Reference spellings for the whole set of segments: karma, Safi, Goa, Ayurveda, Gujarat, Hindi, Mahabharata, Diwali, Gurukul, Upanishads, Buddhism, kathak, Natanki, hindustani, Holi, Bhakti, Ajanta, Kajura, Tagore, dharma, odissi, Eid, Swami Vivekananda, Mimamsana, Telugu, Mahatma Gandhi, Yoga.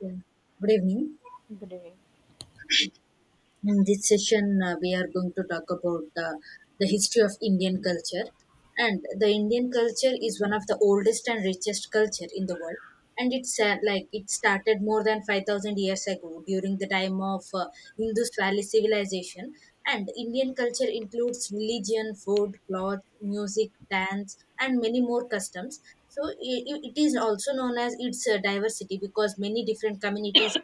Yeah. Good evening. Great. In this session, we are going to talk about the history of Indian culture. And the Indian culture is one of the oldest and richest culture in the world. And it's it started more than 5,000 years ago during the time of Indus Valley civilization. And Indian culture includes religion, food, cloth, music, dance, and many more customs. It is also known as its diversity because many different communities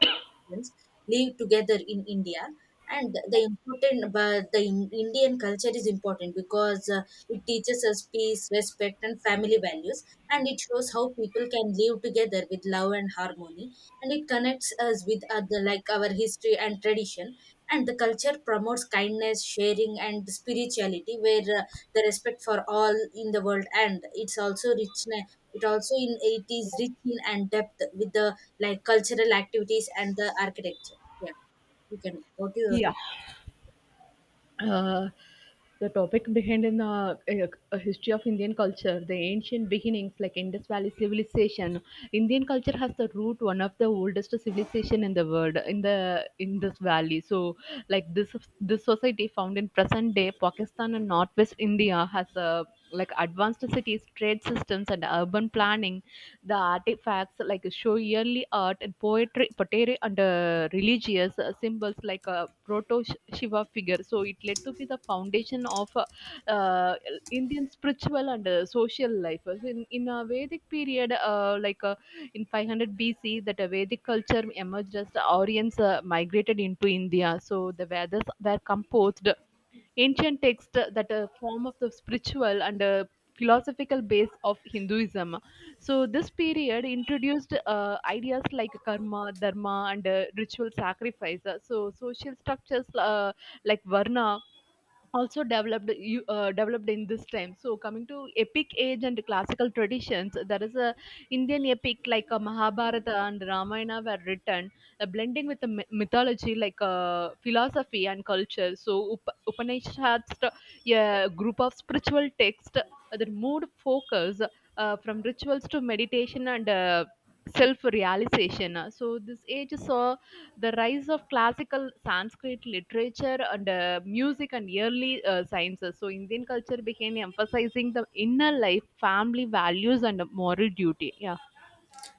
live together in India, and the important but the in- indian culture is important because it teaches us peace, respect, and family values, and it shows how people can live together with love and harmony, and it connects us with other like our history and tradition, and the culture promotes kindness, sharing, and spirituality where the respect for all in the world. And it also in it is rich in and depth with the like cultural activities and the architecture, yeah. You can what do you. Yeah. Uh, the topic behind in the uh, history of Indian culture, the ancient beginnings like Indus Valley civilization. Indian culture has the root one of the oldest civilization in the world in the Indus Valley. So, like this society found in present day Pakistan and Northwest India has a like advanced cities, trade systems, and urban planning. The artifacts like show early art and poetry, pottery, and religious symbols like a proto Shiva figure. So it led to be the foundation of uh, Indian spiritual and social life. So in a Vedic period, in 500 BC, that a Vedic culture emerged as the Aryans migrated into India. So the Vedas were composed ancient texts that are form of the spiritual and philosophical base of Hinduism. So this period introduced ideas like karma, dharma, and ritual sacrifice. So social structures like varna also developed in this time. So coming to epic age and classical traditions, there is a Indian epic like a Mahabharata and Ramayana were written, blending with the mythology, like philosophy and culture. So Upanishads, a group of spiritual texts that moved focus from rituals to meditation and self realization. So this age saw the rise of classical Sanskrit literature and music and early sciences. So, Indian culture began emphasizing the inner life, family values, and moral duty. Yeah.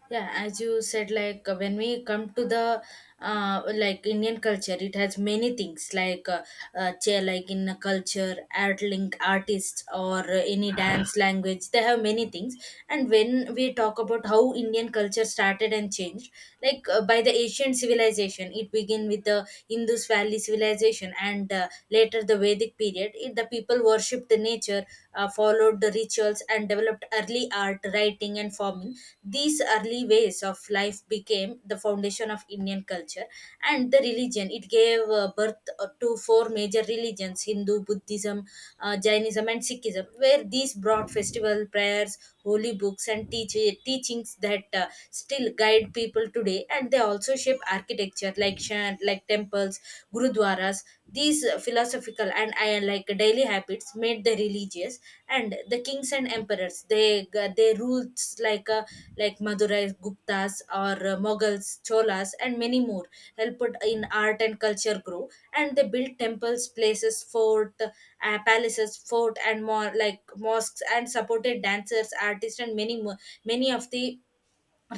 Yeah, as you said, like when we come to the like Indian culture, it has many things like in a culture art link artists or any dance language, they have many things. And when we talk about how Indian culture started and changed like by the ancient civilization, it began with the Indus Valley civilization and later the Vedic period. It, the people worshipped the nature, followed the rituals, and developed early art, writing, and forming. These early ways of life became the foundation of Indian culture and the religion. It gave birth to four major religions: Hindu, Buddhism, Jainism, and Sikhism, where these brought festival, prayers, holy books, and teachings that still guide people today. And they also shape architecture like, temples, gurudwaras. These philosophical and I like daily habits made the religious and the kings and emperors. They ruled like Madurai Guptas or Mughals, Cholas, and many more. Helped in art and culture grow, and they built temples, places, fort, palaces, fort, and more like mosques, and supported dancers, artists, and many more. Many of the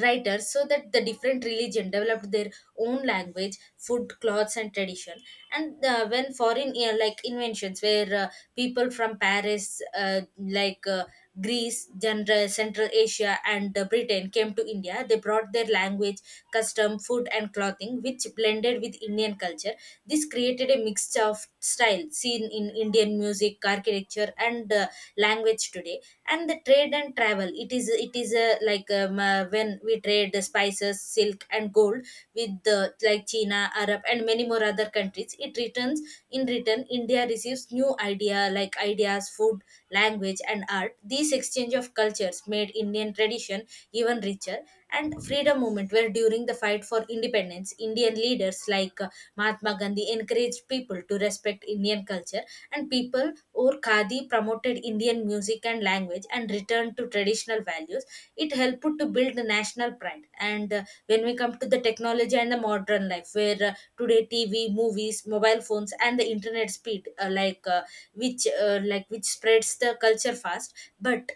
writers so that the different religion developed their own language, food, clothes, and tradition. And when foreign, yeah, like inventions where people from Paris Greece, general Central Asia, and Britain came to India, they brought their language, custom, food, and clothing which blended with Indian culture. This created a mixture of style seen in Indian music, architecture, and language today. And the trade and travel, it is when we trade the spices, silk, and gold with the like China, Arab, and many more other countries. It returns in return, India receives new ideas, food, language, and art. This exchange of cultures made Indian tradition even richer. And freedom movement where during the fight for independence, Indian leaders like Mahatma Gandhi encouraged people to respect in Indian culture, and people or Khadi promoted Indian music and language and returned to traditional values. It helped to build the national pride. And when we come to the technology and the modern life, where today TV, movies, mobile phones, and the internet speed, which spreads the culture fast, but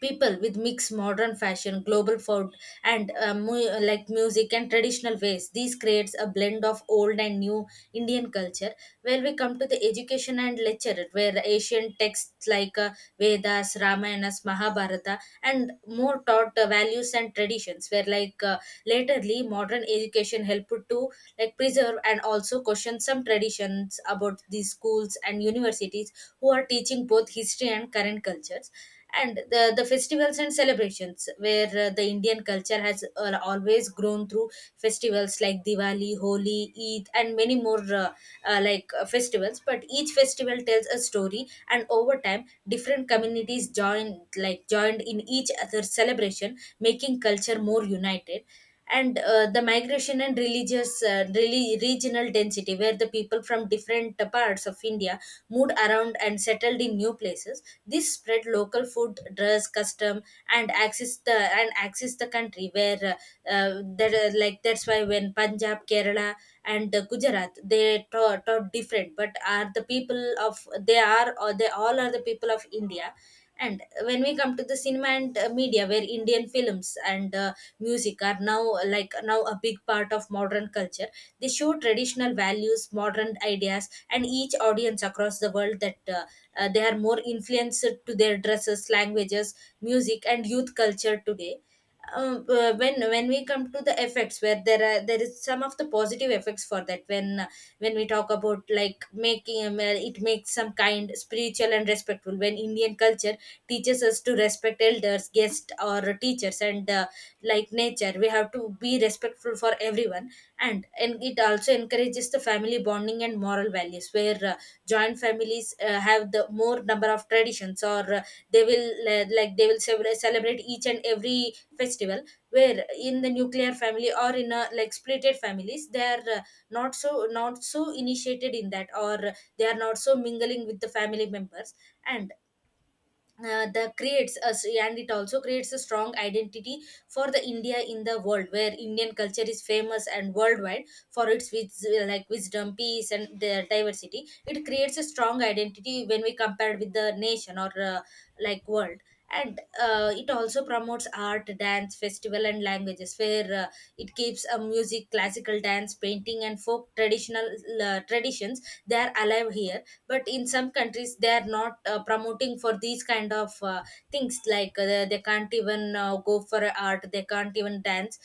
people with mixed modern fashion, global food, and music and traditional ways. This creates a blend of old and new Indian culture, where we come to the education and literature where ancient texts like Vedas, Ramayanas, Mahabharata, and more taught values and traditions where laterly modern education helped to like preserve and also question some traditions about these schools and universities who are teaching both history and current cultures. And the festivals and celebrations where the Indian culture has always grown through festivals like Diwali, Holi, Eid, and many more festivals, but each festival tells a story, and over time different communities joined in each other's celebration, making culture more united. And the migration and religious, really regional density, where the people from different parts of India moved around and settled in new places. This spread local food, dress, custom, and access the country, where that's why when Punjab, Kerala, and Gujarat they taught different, but are the people of they are or they all are the people of India. And when we come to the cinema and media where Indian films and music are now now a big part of modern culture, they show traditional values, modern ideas, and each audience across the world, that they are more influenced to their dresses, languages, music, and youth culture today. When we come to the effects, where there is some of the positive effects for that, when we talk about like making, it makes some kind spiritual and respectful when Indian culture teaches us to respect elders, guests, or teachers, and like nature, we have to be respectful for everyone. And it also encourages the family bonding and moral values where joint families have the more number of traditions or they will celebrate each and every festival, where in the nuclear family or in a like splitted families they are not so, initiated in that, or they are not so mingling with the family members. And the creates us and it also creates a strong identity for the India in the world where Indian culture is famous and worldwide for its wisdom, peace, and the diversity. It creates a strong identity when we compare with the nation or world. And it also promotes art, dance, festival, and languages, where it keeps a music, classical dance, painting, and folk traditional traditions. They are alive here, but in some countries they are not promoting for these kind of things, like they can't even go for art, they can't even dance.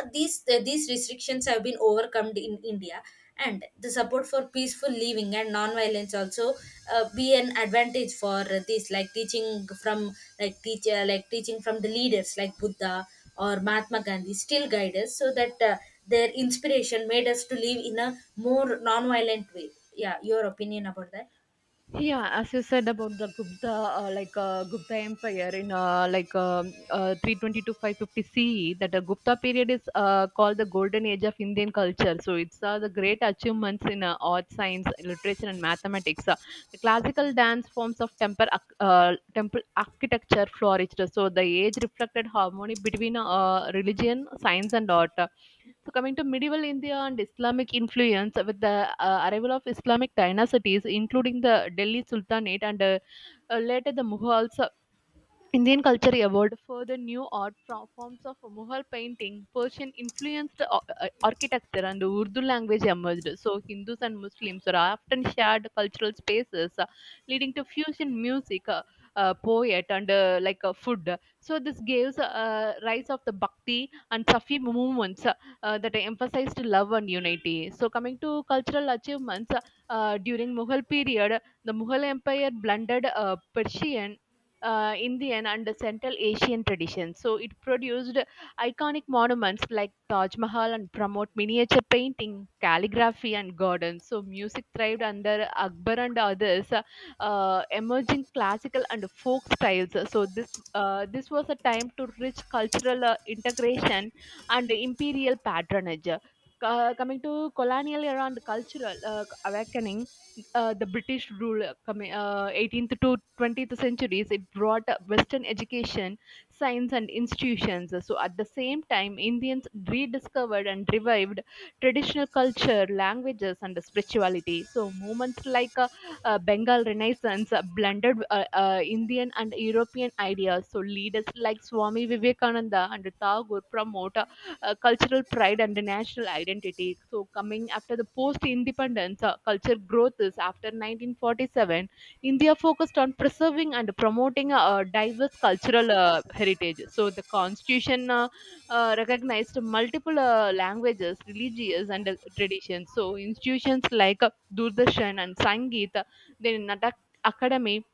These these restrictions have been overcome in India. And the support for peaceful living and non-violence also be an advantage for this from like teaching from the leaders like Buddha or Mahatma Gandhi still guide us, so that their inspiration made us to live in a more non-violent way. Yeah, your opinion about that. Yeah, as you said about the Gupta, Gupta Empire in 320 to 550 CE, that the Gupta period is called the golden age of Indian culture. So it's the great achievements in art, science, literature, and mathematics. The classical dance forms of temple, temple architecture flourished. So the age reflected harmony between religion, science, and art. So, coming to medieval India and Islamic influence with the arrival of Islamic dynasties, including the Delhi Sultanate and later the Mughals, Indian culture evolved further. New art from forms of Mughal painting, Persian influenced architecture, and Urdu language emerged. So, Hindus and Muslims are often shared cultural spaces, leading to fusion music, poet, and food. So, this gives rise of the Bhakti and Safi movements that emphasized love and unity. So, coming to cultural achievements during Mughal period, the Mughal Empire blended Persian, Indian, and Central Asian traditions. So it produced iconic monuments like Taj Mahal and promote miniature painting, calligraphy, and gardens. So music thrived under Akbar and others, emerging classical and folk styles. So this was a time to rich cultural integration and imperial patronage. Coming to colonial era and cultural awakening, the British rule coming 18th to 20th centuries, it brought Western education, science, and institutions. So, at the same time, Indians rediscovered and revived traditional culture, languages, and spirituality. So, movements like Bengal Renaissance blended Indian and European ideas. So, leaders like Swami Vivekananda and Tagore promote cultural pride and the national identity. So, coming after the post independence culture growth is after 1947, India focused on preserving and promoting a diverse cultural heritage. So, the constitution recognized multiple languages, religious, and traditions. So, institutions like Doordarshan and Sangeet, then Natak Academy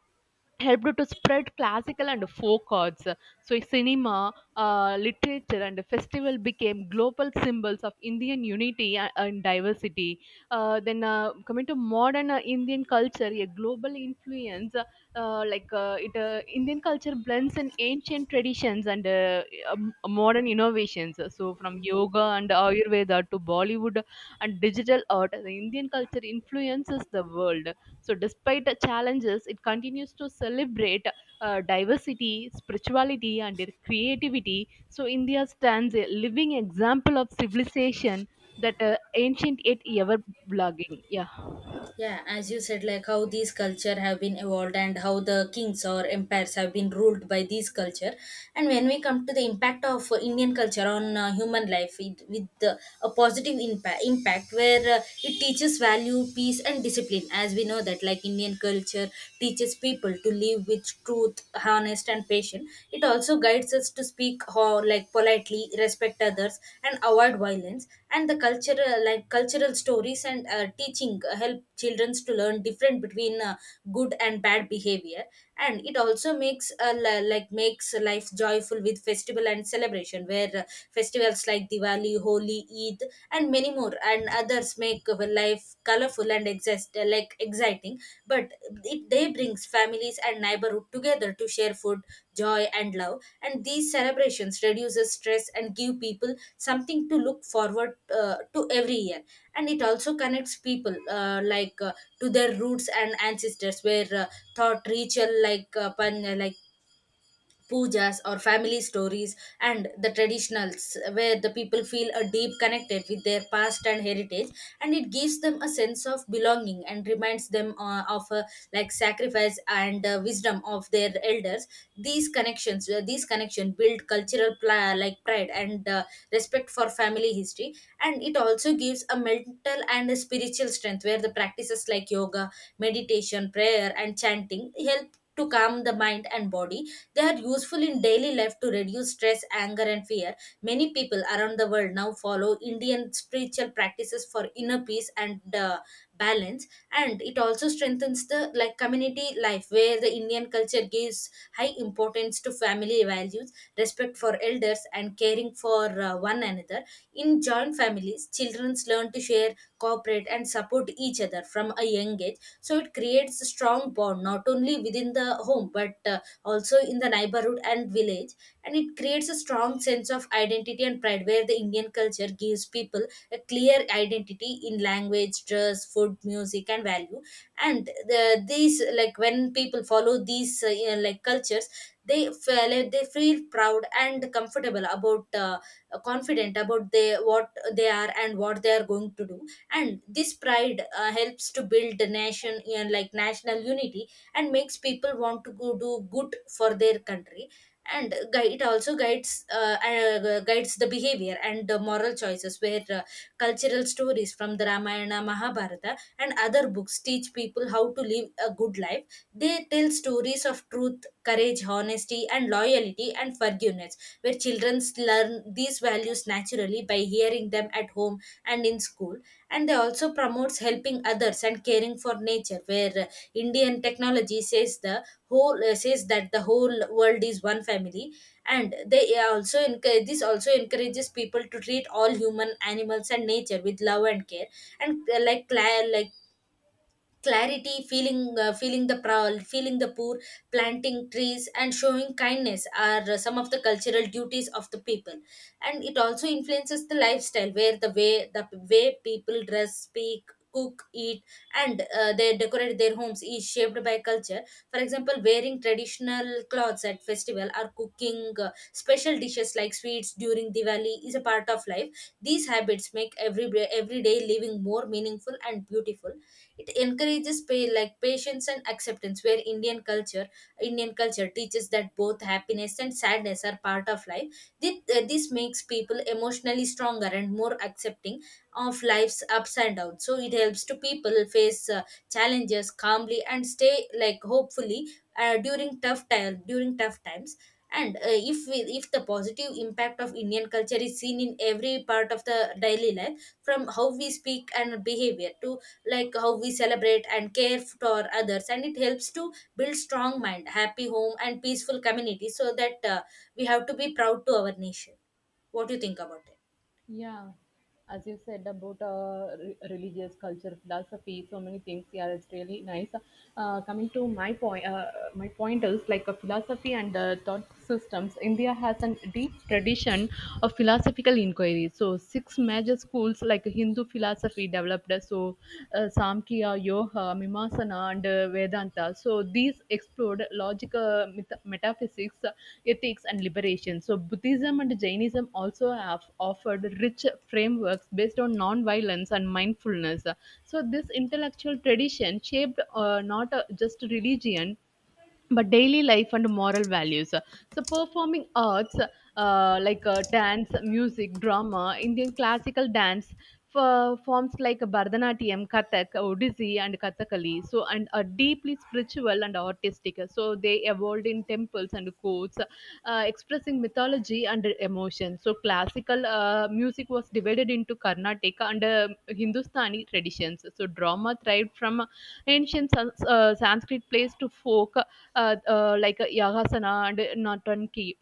helped to spread classical and folk arts. So, cinema, literature, and festival became global symbols of Indian unity and diversity. Coming to modern Indian culture, a global influence, Indian culture blends in ancient traditions and modern innovations. So, from yoga and Ayurveda to Bollywood and digital art, the Indian culture influences the world. So, despite the challenges, it continues to celebrate diversity, spirituality, and their creativity. So, India stands a living example of civilization that ancient yet ever blogging. Yeah. Yeah, as you said, like how these culture have been evolved and how the kings or empires have been ruled by these culture. And when we come to the impact of Indian culture on human life, it, with a positive impact where it teaches value, peace, and discipline. As we know that like Indian culture teaches people to live with truth, honest, and patience. It also guides us to speak politely, respect others, and avoid violence. And the cultural stories and teaching help children to learn different between good and bad behavior. And it also makes makes life joyful with festival and celebration, where festivals like Diwali, Holi, Eid, and many more and others make life colorful and exist like exciting, but it, they brings families and neighborhood together to share food, joy, and love. And these celebrations reduces stress and give people something to look forward to every year. And it also connects people to their roots and ancestors, where thought ritual like pujas or family stories and the traditionals, where the people feel a deep connected with their past and heritage, and it gives them a sense of belonging and reminds them of sacrifice and wisdom of their elders. These connection build cultural pride and respect for family history. And it also gives a mental and a spiritual strength, where the practices like yoga, meditation, prayer, and chanting help to calm the mind and body. They are useful in daily life to reduce stress, anger, and fear. Many people around the world now follow Indian spiritual practices for inner peace and balance. And it also strengthens the like community life, where the Indian culture gives high importance to family values, respect for elders, and caring for one another. In joint families, children learn to share, cooperate, and support each other from a young age. So it creates a strong bond not only within the home but also in the neighborhood and village. And it creates a strong sense of identity and pride, where the Indian culture gives people a clear identity in language, dress, food, music, and value. And these when people follow these cultures, they feel proud and comfortable about confident about they what they are and what they are going to do. And this pride helps to build the nation, like national unity, and makes people want to go do good for their country. And it also guides guides the behavior and the moral choices, where cultural stories from the Ramayana, Mahabharata, and other books teach people how to live a good life. They tell stories of truth, courage, honesty, and loyalty, and forgiveness, where children learn these values naturally by hearing them at home and in school. And they also promotes helping others and caring for nature, where Indian technology says the whole says that the whole world is one family, and this also encourages people to treat all human, animals, and nature with love and care. And clarity feeling feeling the proud, feeling the poor, planting trees, and showing kindness are some of the cultural duties of the people. And it also influences the lifestyle, where the way people dress, speak, cook, eat, and they decorate their homes is shaped by culture. For example, wearing traditional clothes at festival or cooking special dishes like sweets during Diwali is a part of life. These habits make everyday living more meaningful and beautiful. It encourages patience and acceptance, where Indian culture teaches that both happiness and sadness are part of life. This, this makes people emotionally stronger and more accepting of life's ups and downs. So it helps to people face challenges calmly and stay like hopefully during tough times. And if the positive impact of Indian culture is seen in every part of the daily life, from how we speak and behavior to like how we celebrate and care for others, and it helps to build strong mind, happy home, and peaceful community. So that we have to be proud to our nation. What do you think about it? Yeah, as you said about religious culture, philosophy, so many things. Yeah, it's really nice. Coming to my point is like a philosophy and thought systems. India has a deep tradition of philosophical inquiry. So six major schools like Hindu philosophy developed. So Samkhya, Yoga, Mimamsana, and Vedanta. So these explored logical metaphysics, ethics, and liberation. So Buddhism and Jainism also have offered rich frameworks based on non-violence and mindfulness. So this intellectual tradition shaped not just religion but daily life and moral values. So performing arts, dance, music, drama. Indian classical dance forms like Bharatanatyam, Kathak, Odissi, and Kathakali, so and are deeply spiritual and artistic. So they evolved in temples and courts, expressing mythology and emotion. So classical music was divided into Carnatic and Hindustani traditions. So drama thrived from ancient Sanskrit plays to folk, like a Yagasana and Natanki.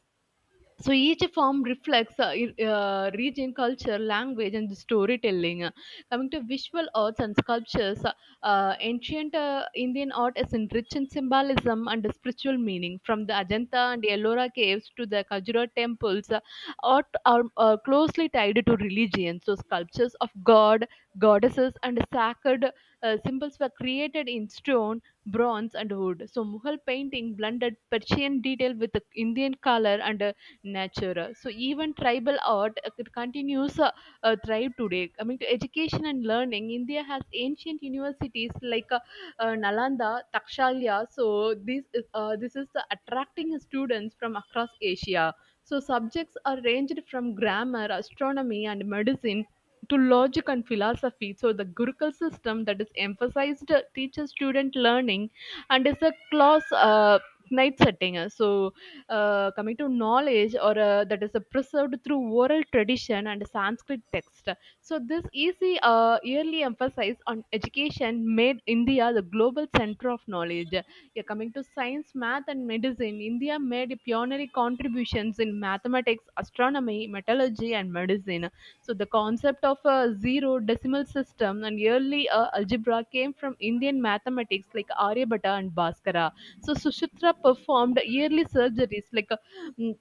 So each form reflects region, culture, language, and storytelling. Coming to visual arts and sculptures, ancient Indian art is enriched in symbolism and spiritual meaning. From the Ajanta and Ellora caves to the Kajura temples, art are closely tied to religion. So sculptures of god, goddesses, and sacred symbols were created in stone, bronze, and wood. So Mughal painting blended Persian detail with the Indian color and nature. So even tribal art it continues thrive today. Coming to education and learning, India has ancient universities like Nalanda, Takshalya. So this is the attracting students from across Asia. So subjects are ranged from grammar, astronomy, and medicine to logic and philosophy. So the Gurukul system that is emphasized teaches student learning and is a class night setting. Coming to knowledge or that is preserved through oral tradition and Sanskrit text. So this easy yearly emphasis on education made India the global center of knowledge. Yeah, coming to science, math, and medicine, India made pioneering contributions in mathematics, astronomy, metallurgy, and medicine. So the concept of a zero decimal system and yearly algebra came from Indian mathematics like Aryabhatta and Bhaskara. So Suchitra performed yearly surgeries like. Mm,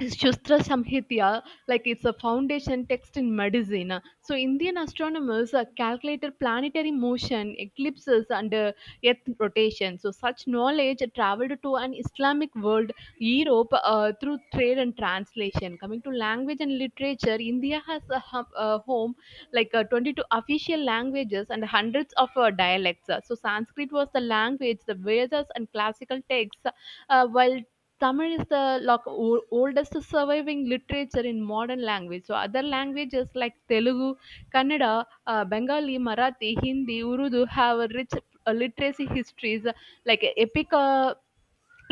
Shastra Samhitya, like it's a foundation text in medicine. So Indian astronomers calculated planetary motion, eclipses, and Earth rotation. So such knowledge traveled to an Islamic world, Europe, through trade and translation. Coming to language and literature, India has a, a home like 22 official languages and hundreds of dialects. So Sanskrit was the language, the Vedas and classical texts, while Tamil is the like, oldest surviving literature in modern language. So other languages like Telugu, Kannada, Bengali, Marathi, Hindi, Urdu have a rich literacy histories, like epic uh,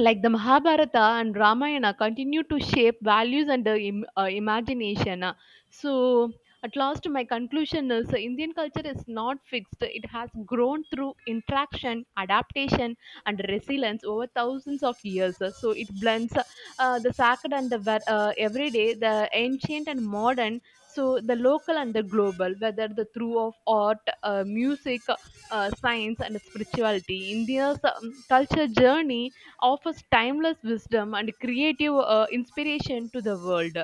like the Mahabharata and Ramayana continue to shape values and imagination. So at last, my conclusion is Indian culture is not fixed. It has grown through interaction, adaptation, and resilience over thousands of years. So, it blends the sacred and the everyday, the ancient and modern. So, the local and the global, whether the through of art, music, science, and spirituality. India's culture journey offers timeless wisdom and creative inspiration to the world.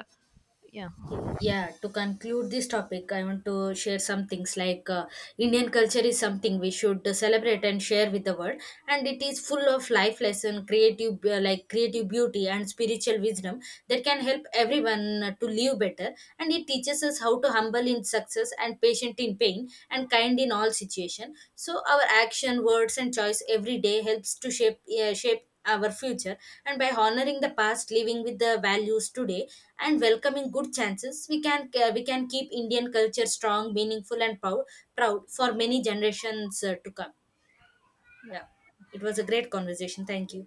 Yeah. Yeah, to conclude this topic, I want to share some things like Indian culture is something we should celebrate and share with the world, and it is full of life lesson, creative creative beauty and spiritual wisdom that can help everyone to live better. And it teaches us how to humble in success, and patient in pain, and kind in all situation. So our action, words, and choice every day helps to shape our future. And by honoring the past, living with the values today, and welcoming good chances, we can keep Indian culture strong, meaningful, and proud for many generations to come. Yeah. It was a great conversation. Thank you.